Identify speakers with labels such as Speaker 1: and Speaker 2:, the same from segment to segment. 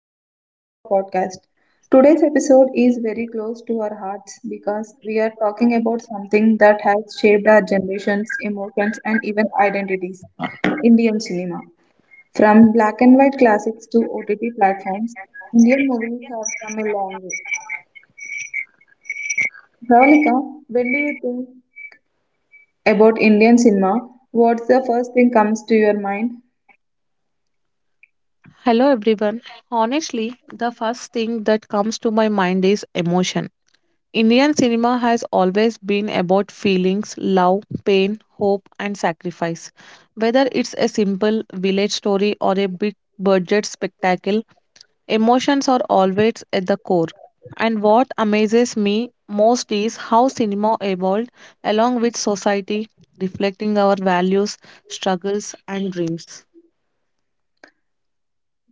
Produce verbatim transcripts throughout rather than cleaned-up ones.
Speaker 1: welcome back to our podcast. Today's episode is very close to our hearts because we are talking about something that has shaped our generations, emotions, and even identities. Indian cinema. From black and white classics to O T T platforms, Indian movies have come a long way. Pravalika, when do you think about Indian cinema? What's the first thing comes to your mind?
Speaker 2: Hello everyone. Honestly, the first thing that comes to my mind is emotion. Indian cinema has always been about feelings, love, pain, hope, and sacrifice. Whether it's a simple village story or a big budget spectacle, emotions are always at the core. And what amazes me most is how cinema evolved along with society, reflecting our values, struggles, and dreams.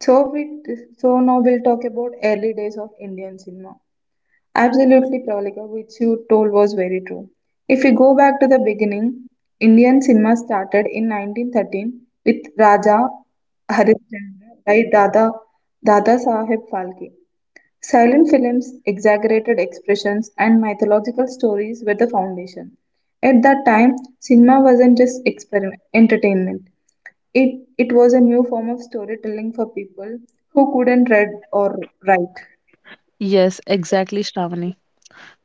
Speaker 1: So we so now we'll talk about early days of Indian cinema. Absolutely, Pravalika, which you told was very true. If we go back to the beginning, Indian cinema started in nineteen thirteen with Raja Harishchandra by Dada, Dada Saheb Phalke. Silent films, exaggerated expressions, and mythological stories were the foundation. At that time, cinema wasn't just experiment, entertainment. It, it was a new form of storytelling for people who couldn't read or write.
Speaker 2: Yes, exactly, Shravani.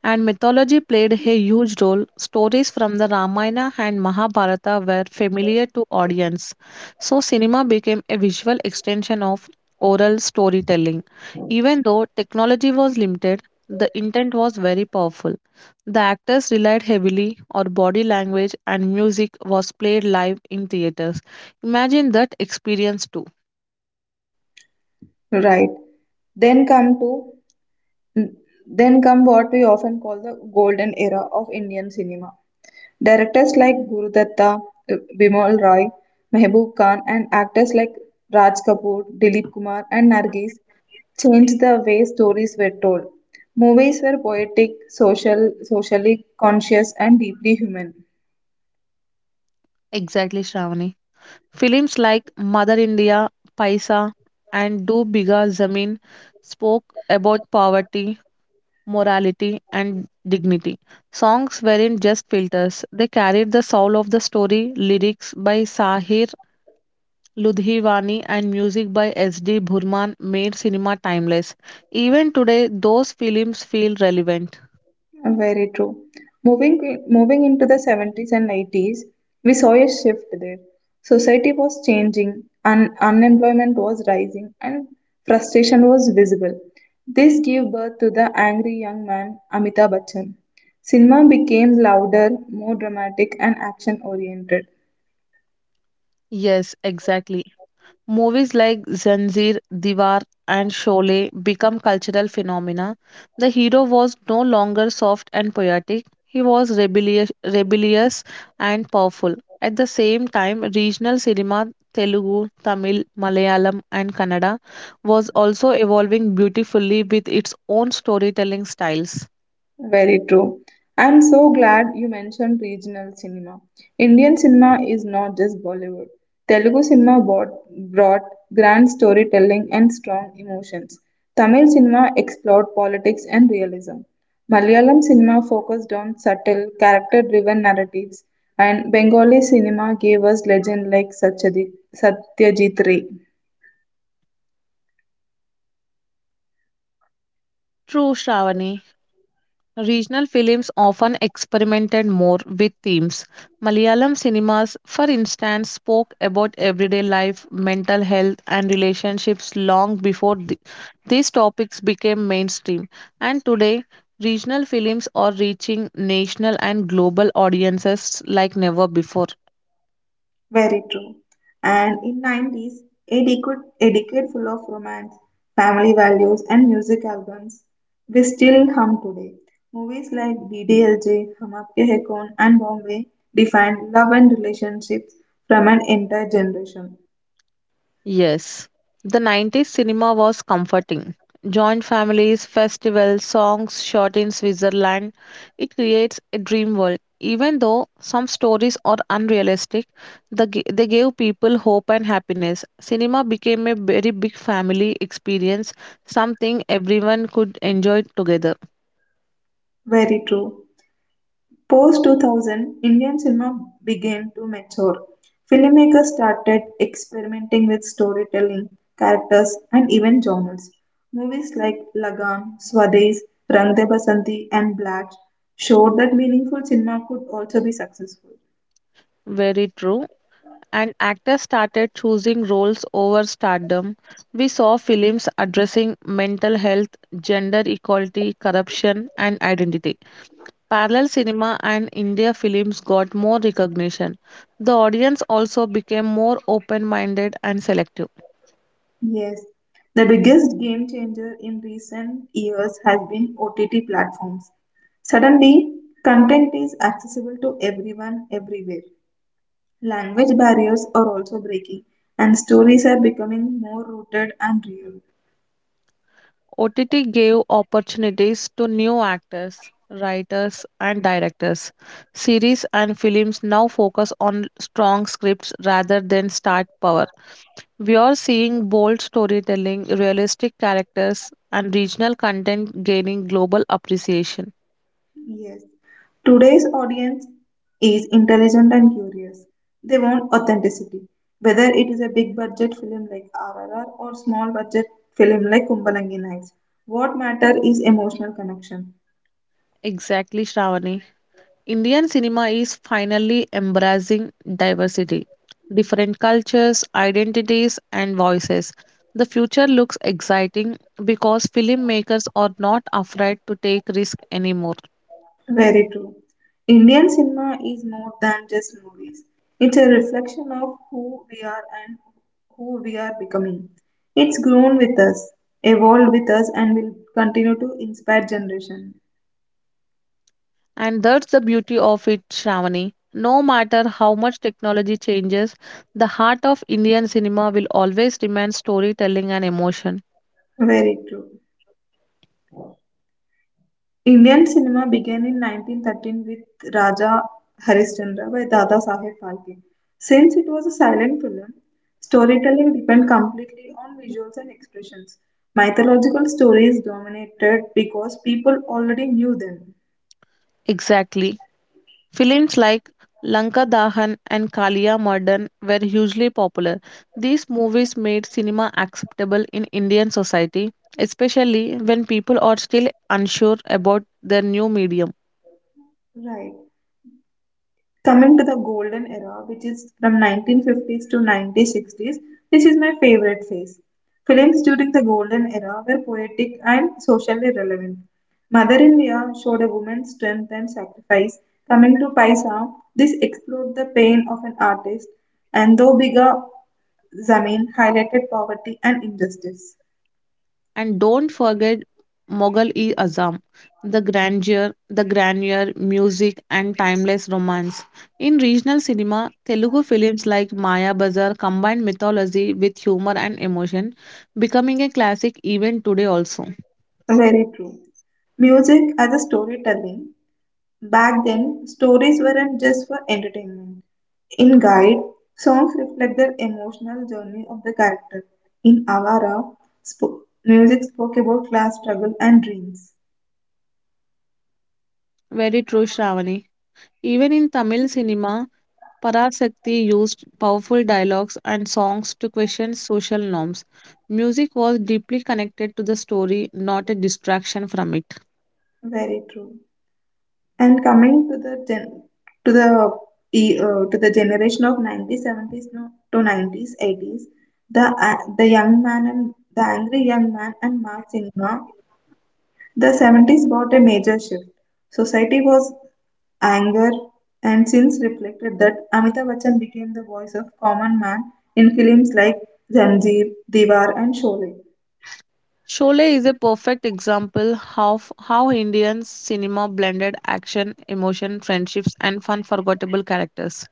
Speaker 2: And mythology played a huge role. Stories from the Ramayana and Mahabharata were familiar to audience, so cinema became a visual extension of oral storytelling. Even though technology was limited, the intent was very powerful. The actors relied heavily on body language and music was played live in theaters. Imagine that experience too.
Speaker 1: Right. Then come to Mm. Then come what we often call the golden era of Indian cinema. Directors like Guru Datta, uh, Bimal Roy, Mehboob Khan, and actors like Raj Kapoor, Dilip Kumar, and Nargis changed the way stories were told. Movies were poetic, social, socially conscious, and deeply human.
Speaker 2: Exactly, Shravani. Films like Mother India, Paisa, and Do Bigger Zameen spoke about poverty, morality, and dignity. Songs weren't just filters, they carried the soul of the story. Lyrics by Sahir Ludhiwani and music by S D. Burman made cinema timeless. Even today, those films feel relevant.
Speaker 1: Very true. Moving moving into the seventies and eighties, we saw a shift there. Society was changing, un- unemployment was rising, and frustration was visible. This gave birth to the angry young man Amitabh Bachchan. Cinema became louder, more dramatic, and action oriented.
Speaker 2: Yes, exactly. Movies like Zanzir, Diwar, and Sholay become cultural phenomena. The hero was no longer soft and poetic, he was rebellious, rebellious and powerful. At the same time, regional cinema, Telugu, Tamil, Malayalam, and Kannada, was also evolving beautifully with its own storytelling styles.
Speaker 1: Very true. I'm so glad you mentioned regional cinema. Indian cinema is not just Bollywood. Telugu cinema brought, brought grand storytelling and strong emotions. Tamil cinema explored politics and realism. Malayalam cinema focused on subtle, character driven narratives, and Bengali cinema gave us legends like Satyajit Satyajit Ray.
Speaker 2: True, Shravani. Regional films often experimented more with themes. Malayalam cinemas, for instance, spoke about everyday life, mental health, and relationships long before th- these topics became mainstream. And today, regional films are reaching national and global audiences like never before.
Speaker 1: Very true. And in nineties, a decade, a decade full of romance, family values, and music albums we still hum today. Movies like D D L J, Hum Aapke Hai Kaun, and Bombay defined love and relationships from an entire generation.
Speaker 2: Yes, the nineties cinema was comforting. Joint families, festivals, songs shot in Switzerland. It creates a dream world. Even though some stories are unrealistic, the, g- they gave people hope and happiness. Cinema became a very big family experience, something everyone could enjoy together.
Speaker 1: Very true. Post two thousand, Indian cinema began to mature. Filmmakers started experimenting with storytelling, characters, and even genres. Movies like Lagan, Swadesh, Rang De Basanti, and Black showed that meaningful cinema could also be successful.
Speaker 2: Very true. And actors started choosing roles over stardom. We saw films addressing mental health, gender equality, corruption, and identity. Parallel cinema and India films got more recognition. The audience also became more open minded and selective.
Speaker 1: Yes, the biggest game changer in recent years has been O T T platforms. Suddenly, content is accessible to everyone everywhere. Language barriers are also breaking, and stories are becoming more rooted and real.
Speaker 2: O T T gave opportunities to new actors, writers, and directors. Series and films now focus on strong scripts rather than star power. We are seeing bold storytelling, realistic characters, and regional content gaining global appreciation.
Speaker 1: Yes, today's audience is intelligent and curious. They want authenticity, whether it is a big budget film like R R R or small budget film like Kumbalangi Nights. What matter is emotional connection.
Speaker 2: Exactly, Shravani. Indian cinema is finally embracing diversity, different cultures, identities, and voices. The future looks exciting because filmmakers are not afraid to take risk anymore.
Speaker 1: Very true. Indian cinema is more than just movies. It's a reflection of who we are and who we are becoming. It's grown with us, evolved with us, and will continue to inspire generation.
Speaker 2: And that's the beauty of it, Shravani. No matter how much technology changes, the heart of Indian cinema will always remain storytelling and emotion.
Speaker 1: Very true. Indian cinema began in nineteen thirteen with Raja Harishchandra by Dada Saheb Phalke. Since it was a silent film, storytelling depended completely on visuals and expressions. Mythological stories dominated because people already knew them.
Speaker 2: Exactly. Films like Lanka Dahan and Kalia Murdan were hugely popular. These movies made cinema acceptable in Indian society, especially when people are still unsure about their new medium.
Speaker 1: Right. Coming to the golden era, which is from nineteen fifties to nineteen sixties, this is my favorite phase. Films during the golden era were poetic and socially relevant. Mother India showed a woman's strength and sacrifice. Coming to Paisa, this explored the pain of an artist, and though bigger, Zamin highlighted poverty and injustice.
Speaker 2: And don't forget Mughal-e Azam, the grandeur, the grandeur, music, and timeless romance. In regional cinema, Telugu films like Maya Bazar combined mythology with humor and emotion, becoming a classic even today also.
Speaker 1: Very true. Music as a storytelling. Back then, stories weren't just for entertainment. In Guide, songs reflect the emotional journey of the character. In Avara, sp- music spoke about class struggle and dreams.
Speaker 2: Very true, Shravani. Even in Tamil cinema, Parasakti used powerful dialogues and songs to question social norms. Music was deeply connected to the story, not a distraction from it.
Speaker 1: Very true. And coming to the gen- to the e- uh, to the generation of nineties, seventies no, to nineties, eighties, the a the young man and the angry young man and mass cinema. The seventies brought a major shift. Society was anger and since reflected that Amitabh Bachchan became the voice of common man in films like Zanjeer, Diwar, and Sholay.
Speaker 2: Sholay is a perfect example of how Indian cinema blended action, emotion, friendships, and fun forgettable characters.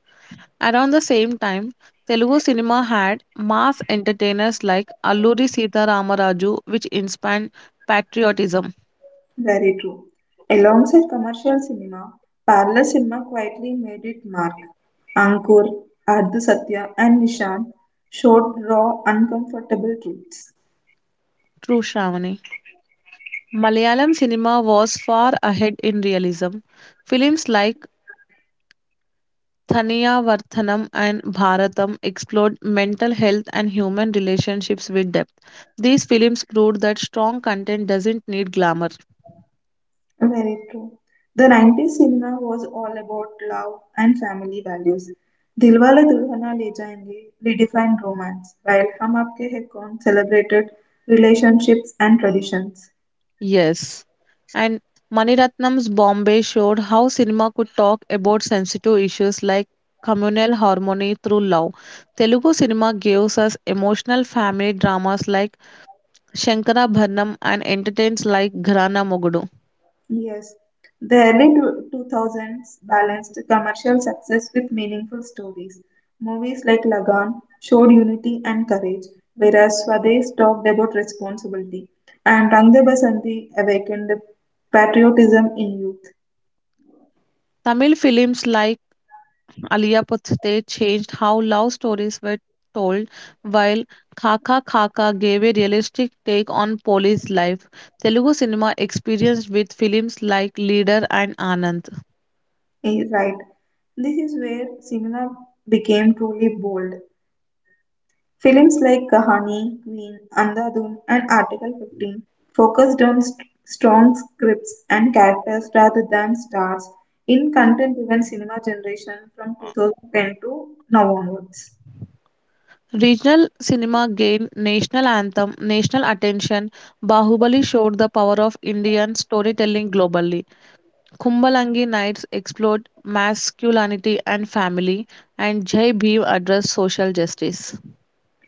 Speaker 2: Around the same time, Telugu cinema had mass entertainers like Alluri Sita Ramaraju, which inspired patriotism.
Speaker 1: Very true. Alongside commercial cinema, parallel cinema quietly made its mark. Ankur, Ardha Satya, and Nishan showed raw, uncomfortable truths.
Speaker 2: True Shravani. Malayalam cinema was far ahead in realism. Films like Thaniyavarthanam and Bharatam explored mental health and human relationships with depth. These films proved that strong content doesn't need glamour.
Speaker 1: Very true. The nineties cinema was all about love and family values. Dilwala Dulhania Le Jayenge redefined romance, while Hum Aapke Hain Kaun celebrated relationships and traditions.
Speaker 2: Yes. And Maniratnam's Bombay showed how cinema could talk about sensitive issues like communal harmony through love. Telugu cinema gives us emotional family dramas like Shankara Bharnam and entertains like Gharana Mogudu.
Speaker 1: Yes, the early tw- two thousands balanced commercial success with meaningful stories. Movies like Lagan showed unity and courage, whereas Swadesh talked about responsibility, and Rang De Basanti awakened patriotism in youth.
Speaker 2: Tamil films like Alia Puthte changed how love stories were told, while Khaka Khaka gave a realistic take on police life. Telugu cinema experienced with films like Leader and Anand.
Speaker 1: Eh, Right. This is where cinema became truly bold. Films like Kahani, Queen, Andhadhun, and Article fifteen focused on st- strong scripts and characters rather than stars in content driven cinema generation from twenty ten to now onwards.
Speaker 2: Regional cinema gained national anthem, national attention. Bahubali showed the power of Indian storytelling globally. Kumbalangi Nights explored masculinity and family, and Jai Bhim addressed social justice.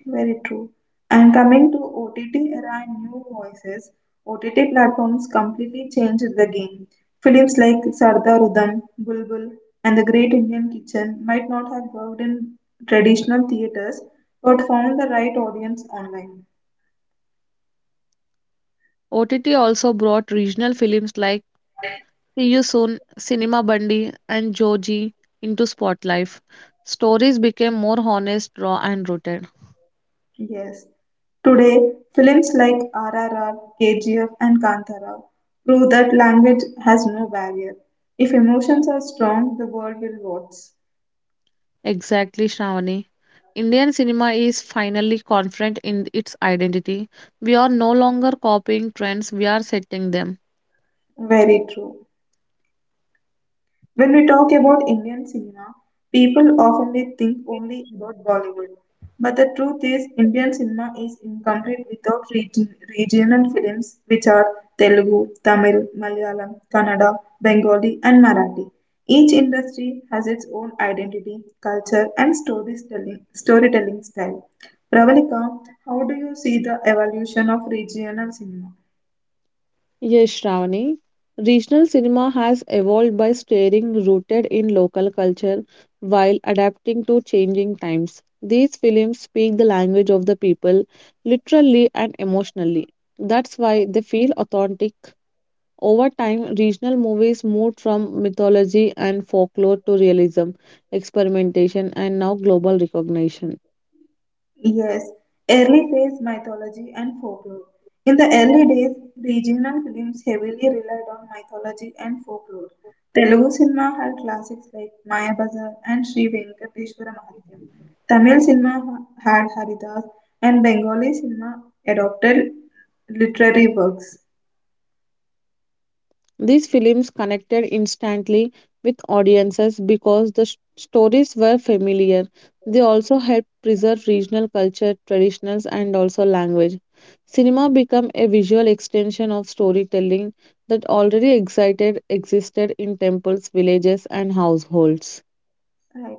Speaker 1: Very true. And coming to O T T era and new voices, O T T platforms completely changed the game. Films like Sardar Udham, Bulbul, and The Great Indian Kitchen might not have worked in traditional theaters but found the right audience online.
Speaker 2: O T T also brought regional films like He soon. Cinema Bundy, and Joji into spotlight. Stories became more honest, raw, and rooted.
Speaker 1: Yes. Today, films like R R R, K G F, and Kantara prove that language has no barrier. If emotions are strong, the world will watch.
Speaker 2: Exactly, Shravani. Indian cinema is finally confident in its identity. We are no longer copying trends, we are setting them.
Speaker 1: Very true. When we talk about Indian cinema, people often think only about Bollywood. But the truth is, Indian cinema is incomplete without region, regional films, which are Telugu, Tamil, Malayalam, Kannada, Bengali, and Marathi. Each industry has its own identity, culture, and storytelling, storytelling style. Pravalika, how do you see the evolution of regional cinema?
Speaker 2: Yes, Shravani. Regional cinema has evolved by staying rooted in local culture while adapting to changing times. These films speak the language of the people, literally and emotionally. That's why they feel authentic. Over time, regional movies moved from mythology and folklore to realism, experimentation, and now global recognition.
Speaker 1: Yes, early phase mythology and folklore. In the early days, regional films heavily relied on mythology and folklore. Telugu cinema had classics like Mayabazar and Sri Venkateshwara Mahatyam. Tamil cinema ha- had Haridas, and Bengali cinema adopted literary works.
Speaker 2: These films connected instantly with audiences because the s- stories were familiar. They also helped preserve regional culture, traditions, and also language. Cinema became a visual extension of storytelling that already excited, existed in temples, villages, and households.
Speaker 1: Right.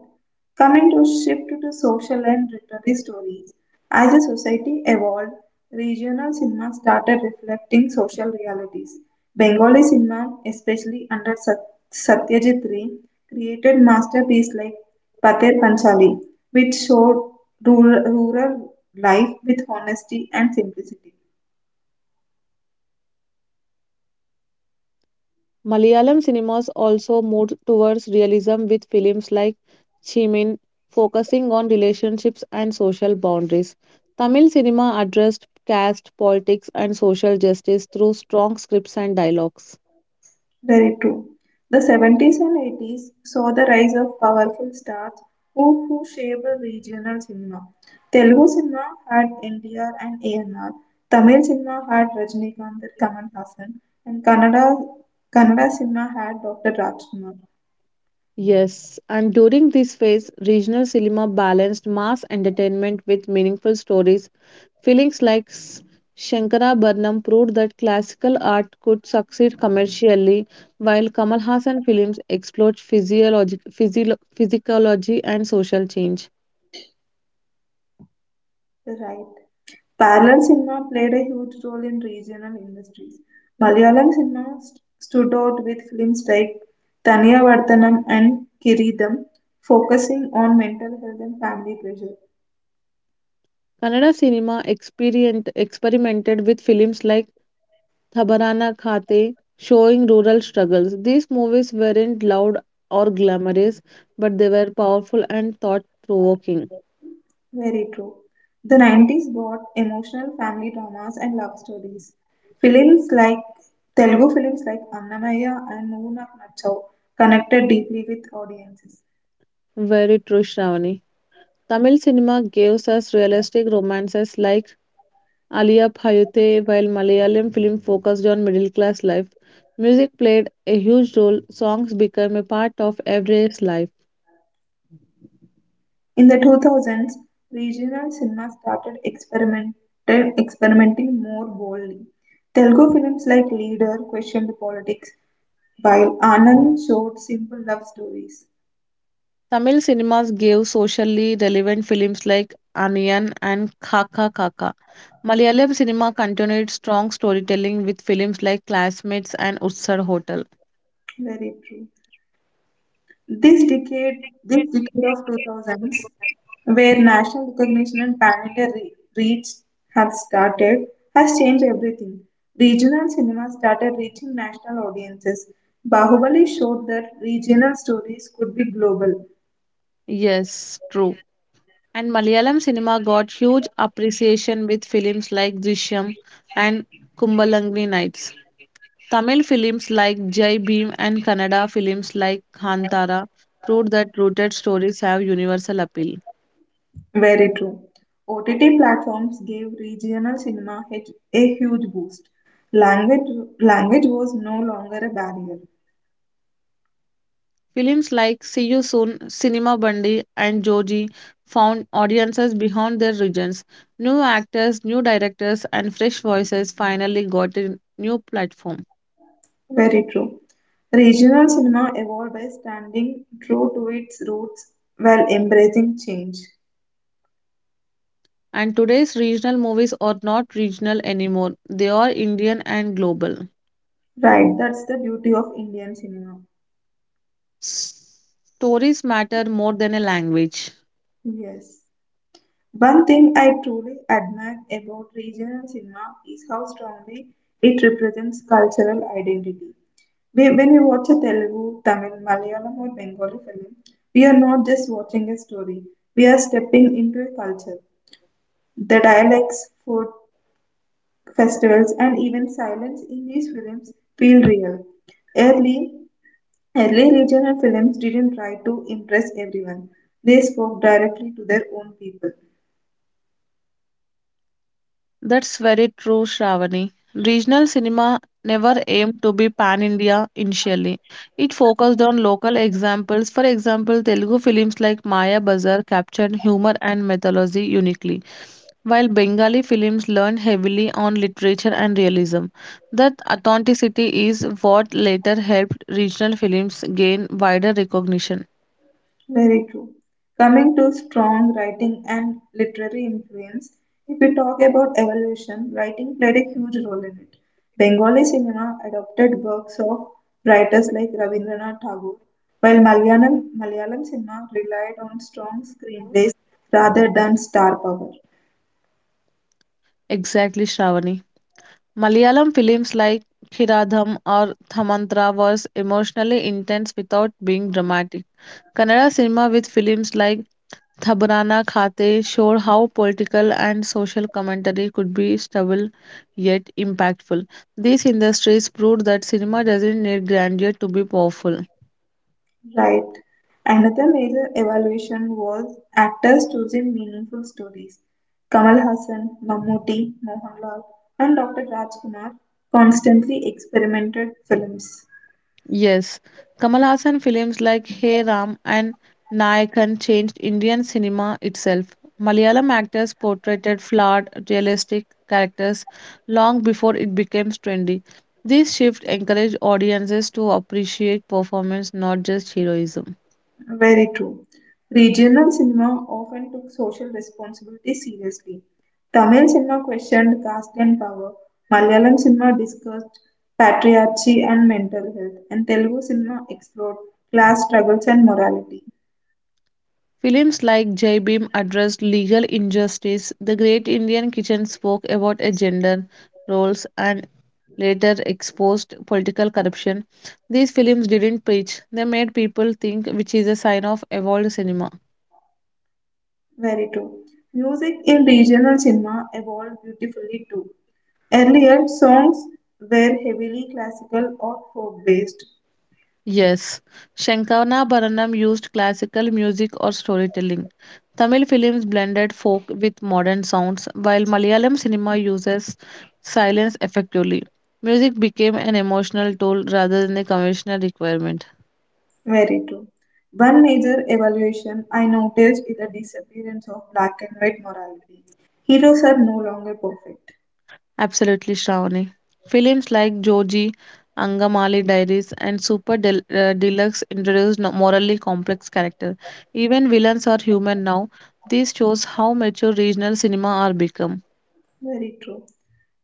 Speaker 1: Coming to shift to social and literary stories, as a society evolved, regional cinema started reflecting social realities. Bengali cinema, especially under Sat- Satyajit Ray, created masterpieces like Pater Panchali, which showed rural, rural life with honesty and simplicity.
Speaker 2: Malayalam cinemas also moved towards realism with films like Chimin focusing on relationships and social boundaries. Tamil cinema addressed caste, politics, and social justice through strong scripts and dialogues.
Speaker 1: Very true. The seventies and eighties saw the rise of powerful stars who, who shaped regional cinema. Telugu cinema had N T R and A N R. Tamil cinema had Rajinikanth and Kamal Hassan. And Kannada, Kannada cinema had Doctor Rajkumar.
Speaker 2: Yes, and during this phase, regional cinema balanced mass entertainment with meaningful stories. Feelings like S- Shankarabharanam proved that classical art could succeed commercially, while Kamal Hassan films explored physiology, physio- physiology and social change.
Speaker 1: Right. Parallel cinema played a huge role in regional industries. Malayalam cinema st- stood out with films like Thaniyavartanam and Kiridam, focusing on mental health and family pressure.
Speaker 2: Kannada cinema experient, experimented with films like Thabarana Khate, showing rural struggles. These movies weren't loud or glamorous, but they were powerful and thought provoking.
Speaker 1: Very true. The nineties brought emotional family dramas and love stories. Films like Telugu films like Annamaya and Moonu Nachau connected deeply with audiences.
Speaker 2: Very true, Shravani. Tamil cinema gives us realistic romances like Alia Bhayute, while Malayalam film focused on middle class life, music played a huge role. Songs became a part of everyday life.
Speaker 1: In the two thousands, regional cinema started experiment, experimenting more boldly. Telugu films like Leader questioned politics, while Anand showed simple love stories.
Speaker 2: Tamil cinemas gave socially relevant films like Aniyan and Kaka Kaka. Malayalam cinema continued strong storytelling with films like Classmates and Utsar Hotel.
Speaker 1: Very true. This decade, this decade of two thousands, where national recognition and pan-India re- reach have started, has changed everything. Regional cinema started reaching national audiences. Bahubali showed that regional stories could be global.
Speaker 2: Yes, true. And Malayalam cinema got huge appreciation with films like Drishyam and Kumbalangni Nights. Tamil films like Jai Bhim and Kannada films like Kantara proved that rooted stories have universal appeal.
Speaker 1: Very true. O T T platforms gave regional cinema hit- a huge boost. Language, language was no longer a barrier.
Speaker 2: Films like See You Soon, Cinema Bandi, and Joji found audiences beyond their regions. New actors, new directors, and fresh voices finally got a new platform.
Speaker 1: Very true. Regional cinema evolved by standing true to its roots while embracing change.
Speaker 2: And today's regional movies are not regional anymore, they are Indian and global.
Speaker 1: Right, that's the beauty of Indian cinema.
Speaker 2: S- Stories matter more than a language.
Speaker 1: Yes. One thing I truly admire about regional cinema is how strongly it represents cultural identity. We- When we watch a Telugu, Tamil, Malayalam, or Bengali film, we are not just watching a story, we are stepping into a culture. The dialects, food, festivals, and even silence in these films feel real. Early, early regional films didn't try to impress everyone, they spoke directly to their own people.
Speaker 2: That's very true, Shravani. Regional cinema never aimed to be pan India initially. It focused on local examples. For example, Telugu films like Maya Bazar captured humor and mythology uniquely, while Bengali films leaned heavily on literature and realism. That authenticity is what later helped regional films gain wider recognition.
Speaker 1: Very true. Coming to strong writing and literary influence, if we talk about evolution, writing played a huge role in it. Bengali cinema adopted works of writers like Rabindranath Tagore, while Malayalam, Malayalam cinema relied on strong screenplays rather than star power.
Speaker 2: Exactly, Shravani. Malayalam films like Khiradham or Thamanthra was emotionally intense without being dramatic. Kannada cinema with films like Thaburana Khate showed how political and social commentary could be stubble yet impactful. These industries proved that cinema doesn't need grandeur to be powerful.
Speaker 1: Right. Another major evaluation was actors choosing meaningful stories. Kamal Hassan, Mammootty, Mohanlal, and Doctor Rajkumar constantly experimented films.
Speaker 2: Yes, Kamal Hassan films like Hey Ram and Nayakan changed Indian cinema itself. Malayalam actors portrayed flawed, realistic characters long before it became trendy. This shift encouraged audiences to appreciate performance, not just heroism.
Speaker 1: Very true. Regional cinema often took social responsibility seriously. Tamil cinema questioned caste and power. Malayalam cinema discussed patriarchy and mental health, and Telugu cinema explored class struggles and morality.
Speaker 2: Films like Jai Bhim addressed legal injustice. The Great Indian Kitchen spoke about a gender roles and later exposed political corruption. These films didn't preach, they made people think, which is a sign of evolved cinema.
Speaker 1: Very true. Music in regional cinema evolved beautifully too. Earlier, songs were heavily classical or folk based.
Speaker 2: Yes, Shankana Bharanam used classical music or storytelling. Tamil films blended folk with modern sounds, while Malayalam cinema uses silence effectively. Music became an emotional tool rather than a conventional requirement.
Speaker 1: Very true. One major evolution I noticed is the disappearance of black and white morality. Heroes are no longer perfect.
Speaker 2: Absolutely, Shravani. Films like Joji, Angamali Diaries, and Super Del- uh, Deluxe introduce no- morally complex characters. Even villains are human now. This shows how mature regional cinema are become.
Speaker 1: Very true.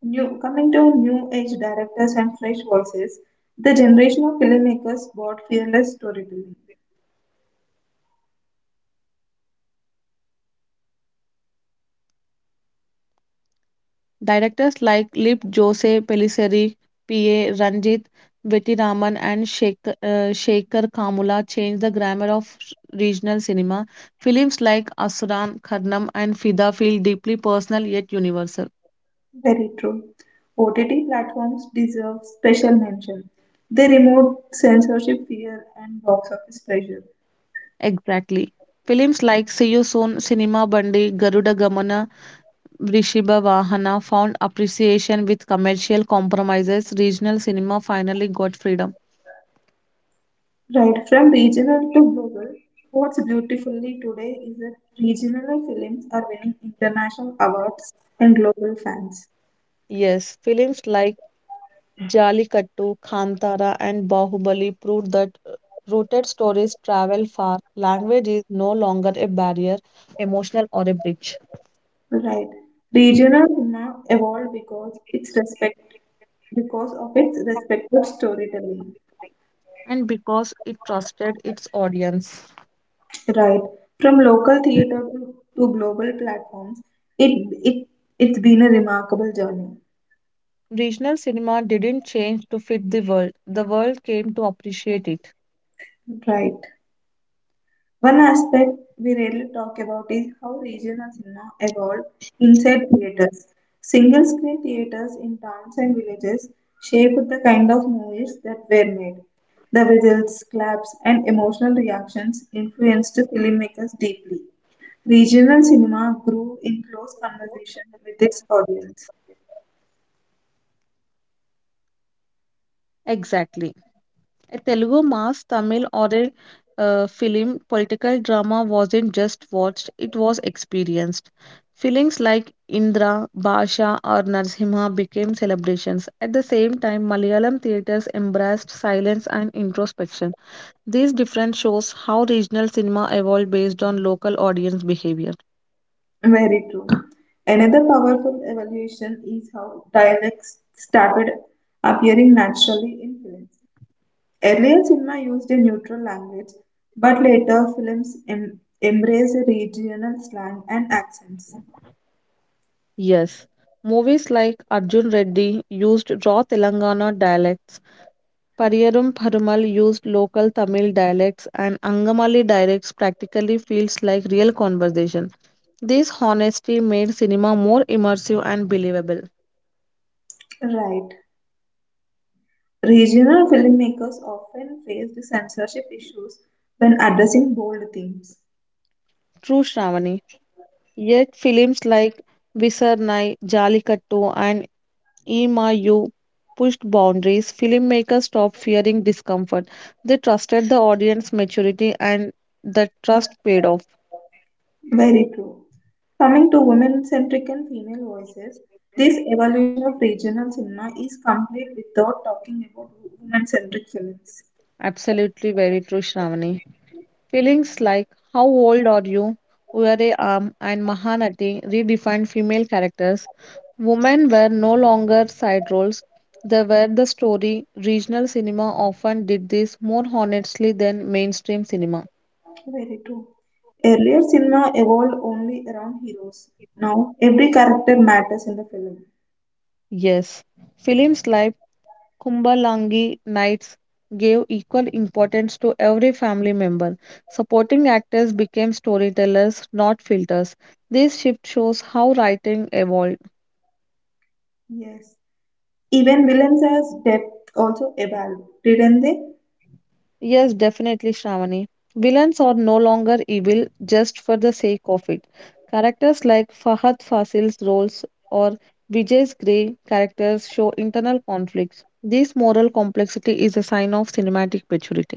Speaker 1: New coming to new age directors and fresh voices, the generation of filmmakers brought fearless storytelling.
Speaker 2: Directors like Lip Jose Pellicer, P A. Ranjit, Betty Raman, and Shekhar, uh, Shekhar Kamula changed the grammar of sh- regional cinema. Films like Asuran, Karnam, and Fida feel deeply personal yet universal.
Speaker 1: Very true. O T T platforms deserve special mention. They remove censorship fear and box office pressure.
Speaker 2: Exactly. Films like See You Soon, Cinema Bandi, Garuda Gamana, Vrishiba Vahana found appreciation with commercial compromises. Regional cinema finally got freedom.
Speaker 1: Right from regional to global, what's beautifully today is that regional films are winning international awards and global fans.
Speaker 2: Yes, films like Jallikattu, Kantara, and Bahubali proved that uh, rooted stories travel far. Language is no longer a barrier, emotional or a bridge.
Speaker 1: Right. Regional cinema evolved because it's respect because of its respected storytelling.
Speaker 2: And because it trusted its audience.
Speaker 1: Right. From local theater to to global platforms, it it it's been a remarkable journey.
Speaker 2: Regional cinema didn't change to fit the world, the world came to appreciate it.
Speaker 1: Right. One aspect we rarely talk about is how regional cinema evolved inside theaters. Single screen theaters in towns and villages shaped the kind of movies that were made. The whistles, claps, and emotional reactions influenced filmmakers deeply. Regional cinema grew in close conversation with its audience.
Speaker 2: Exactly. A Telugu mass, Tamil, or a uh, film, political drama wasn't just watched, it was experienced. Films like Indra, Basha, or Narsimha became celebrations. At the same time, Malayalam theatres embraced silence and introspection. These different shows how regional cinema evolved based on local audience behavior.
Speaker 1: Very true. Another powerful evolution is how dialects started appearing naturally in films. Earlier, cinema used a neutral language, but later films em- embraced regional slang and accents.
Speaker 2: Yes, movies like Arjun Reddy used raw Telangana dialects, Pariyarum Perumal used local Tamil dialects, and Angamali dialects practically feels like real conversation. This honesty made cinema more immersive and believable.
Speaker 1: Right. Regional filmmakers often faced censorship issues when addressing bold themes.
Speaker 2: True Shravani. Yet films like Visarnai, Jallikattu, and Emayu pushed boundaries. Filmmakers stopped fearing discomfort. They trusted the audience maturity and that trust paid off.
Speaker 1: Very true. Coming to women centric and female voices, this evolution of regional cinema is complete without talking about women centric films.
Speaker 2: Absolutely very true, Shravani. Feelings like how old are you, Uyare Am, and Mahanati redefined female characters. Women were no longer side roles. They were the story. Regional cinema often did this more honestly than mainstream cinema.
Speaker 1: Okay, very true. Earlier, cinema evolved only around heroes. Now, every character matters in the film.
Speaker 2: Yes, films like Kumbalangi Nights gave equal importance to every family member. Supporting actors became storytellers, not filters. This shift shows how writing evolved.
Speaker 1: Yes. Even villains as depth also evolved, didn't they?
Speaker 2: Yes, definitely, Shravani. Villains are no longer evil just for the sake of it. Characters like Fahad Fasil's roles or Vijay's grey characters show internal conflicts. This moral complexity is a sign of cinematic maturity.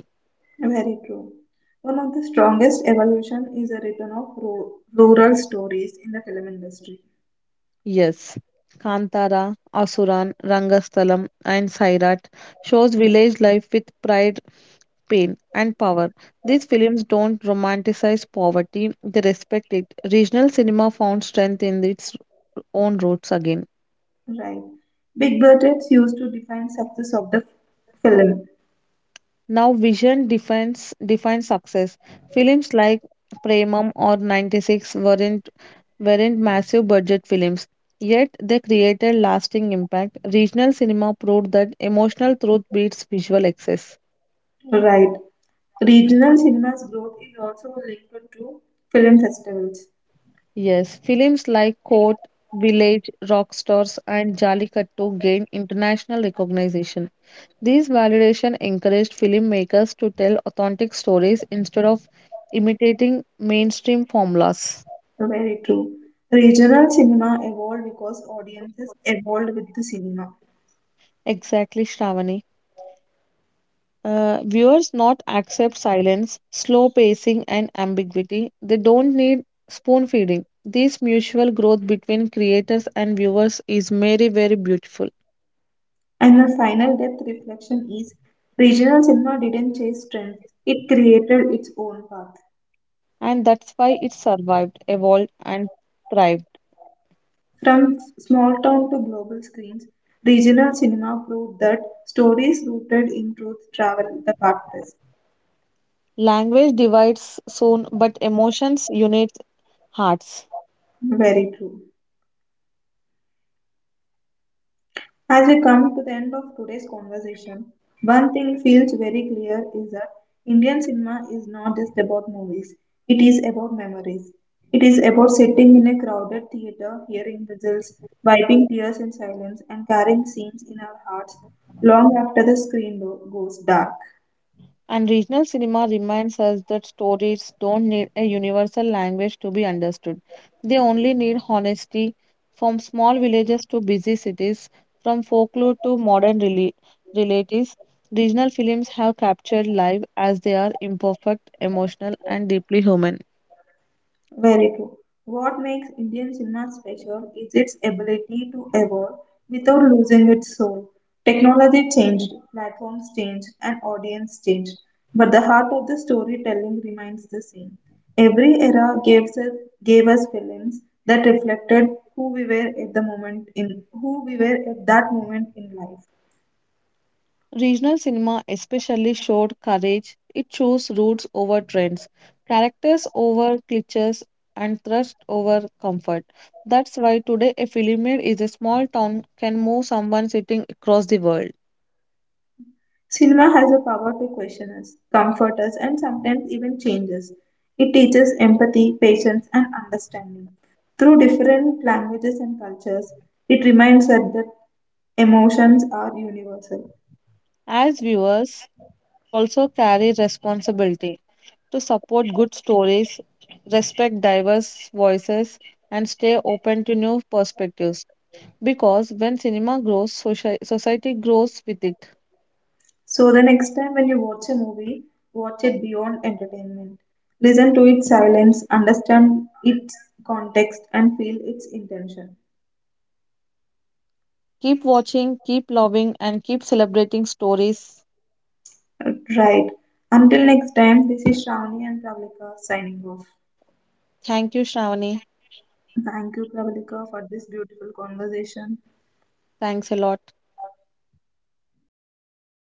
Speaker 1: Very true. One of the strongest evolution is a return of ru- rural stories in the film industry.
Speaker 2: Yes, Kantara, Asuran, Rangasthalam, and Sairat shows village life with pride pain, and power. These films don't romanticize poverty, they respect it. Regional cinema found strength in its own roots again.
Speaker 1: Right. Big budgets used to define success of the film.
Speaker 2: Now, vision defines defines success. Films like Premam or ninety six weren't weren't massive budget films, yet they created lasting impact. Regional cinema proved that emotional truth beats visual excess.
Speaker 1: Right. Regional cinema's growth is also linked to film festivals.
Speaker 2: Yes, films like Court, Village, Rockstars, and Jallikattu gained international recognition. These validation encouraged filmmakers to tell authentic stories instead of imitating mainstream formulas.
Speaker 1: Very true. Regional cinema evolved because audiences evolved with the cinema.
Speaker 2: Exactly, Shravani. Uh, viewers not accept silence, slow pacing, and ambiguity. They don't need spoon feeding. This mutual growth between creators and viewers is very, very beautiful.
Speaker 1: And the final depth reflection is regional cinema didn't chase trends, it created its own path.
Speaker 2: And that's why it survived, evolved, and thrived.
Speaker 1: From small town to global screens, regional cinema proved that stories rooted in truth travel the fastest.
Speaker 2: Language divides soon, but emotions unite hearts.
Speaker 1: Very true. As we come to the end of today's conversation, one thing feels very clear is that Indian cinema is not just about movies, it is about memories. It is about sitting in a crowded theater, hearing whistles, wiping tears in silence, and carrying scenes in our hearts long after the screen do- goes dark.
Speaker 2: And regional cinema reminds us that stories don't need a universal language to be understood. They only need honesty from small villages to busy cities, from folklore to modern rela- realities. Regional films have captured life as they are imperfect, emotional, and deeply human.
Speaker 1: Very true. What makes Indian cinema special is its ability to evolve without losing its soul. Technology changed, platforms changed, and audience changed, but the heart of the storytelling remains the same. Every era gives us, gave us films that reflected who we were at the moment in who we were at that moment in life.
Speaker 2: Regional cinema especially showed courage. It chose roots over trends, characters over cliches, and thrust over comfort. That's why today a film made is a small town can move someone sitting across the world.
Speaker 1: Cinema has a power to question us, comfort us, and sometimes even change us. It teaches empathy, patience, and understanding. Through different languages and cultures, it reminds us that emotions are universal.
Speaker 2: As viewers, we also carry responsibility to support good stories, respect diverse voices, and stay open to new perspectives. Because when cinema grows, soci- society grows with it.
Speaker 1: So, the next time when you watch a movie, watch it beyond entertainment. Listen to its silence, understand its context, and feel its intention.
Speaker 2: Keep watching, keep loving, and keep celebrating stories.
Speaker 1: Right. Until next time, this is Shravani and Pravalika signing off.
Speaker 2: Thank you, Shravani.
Speaker 1: Thank you, Pravalika, for this beautiful conversation.
Speaker 2: Thanks a lot.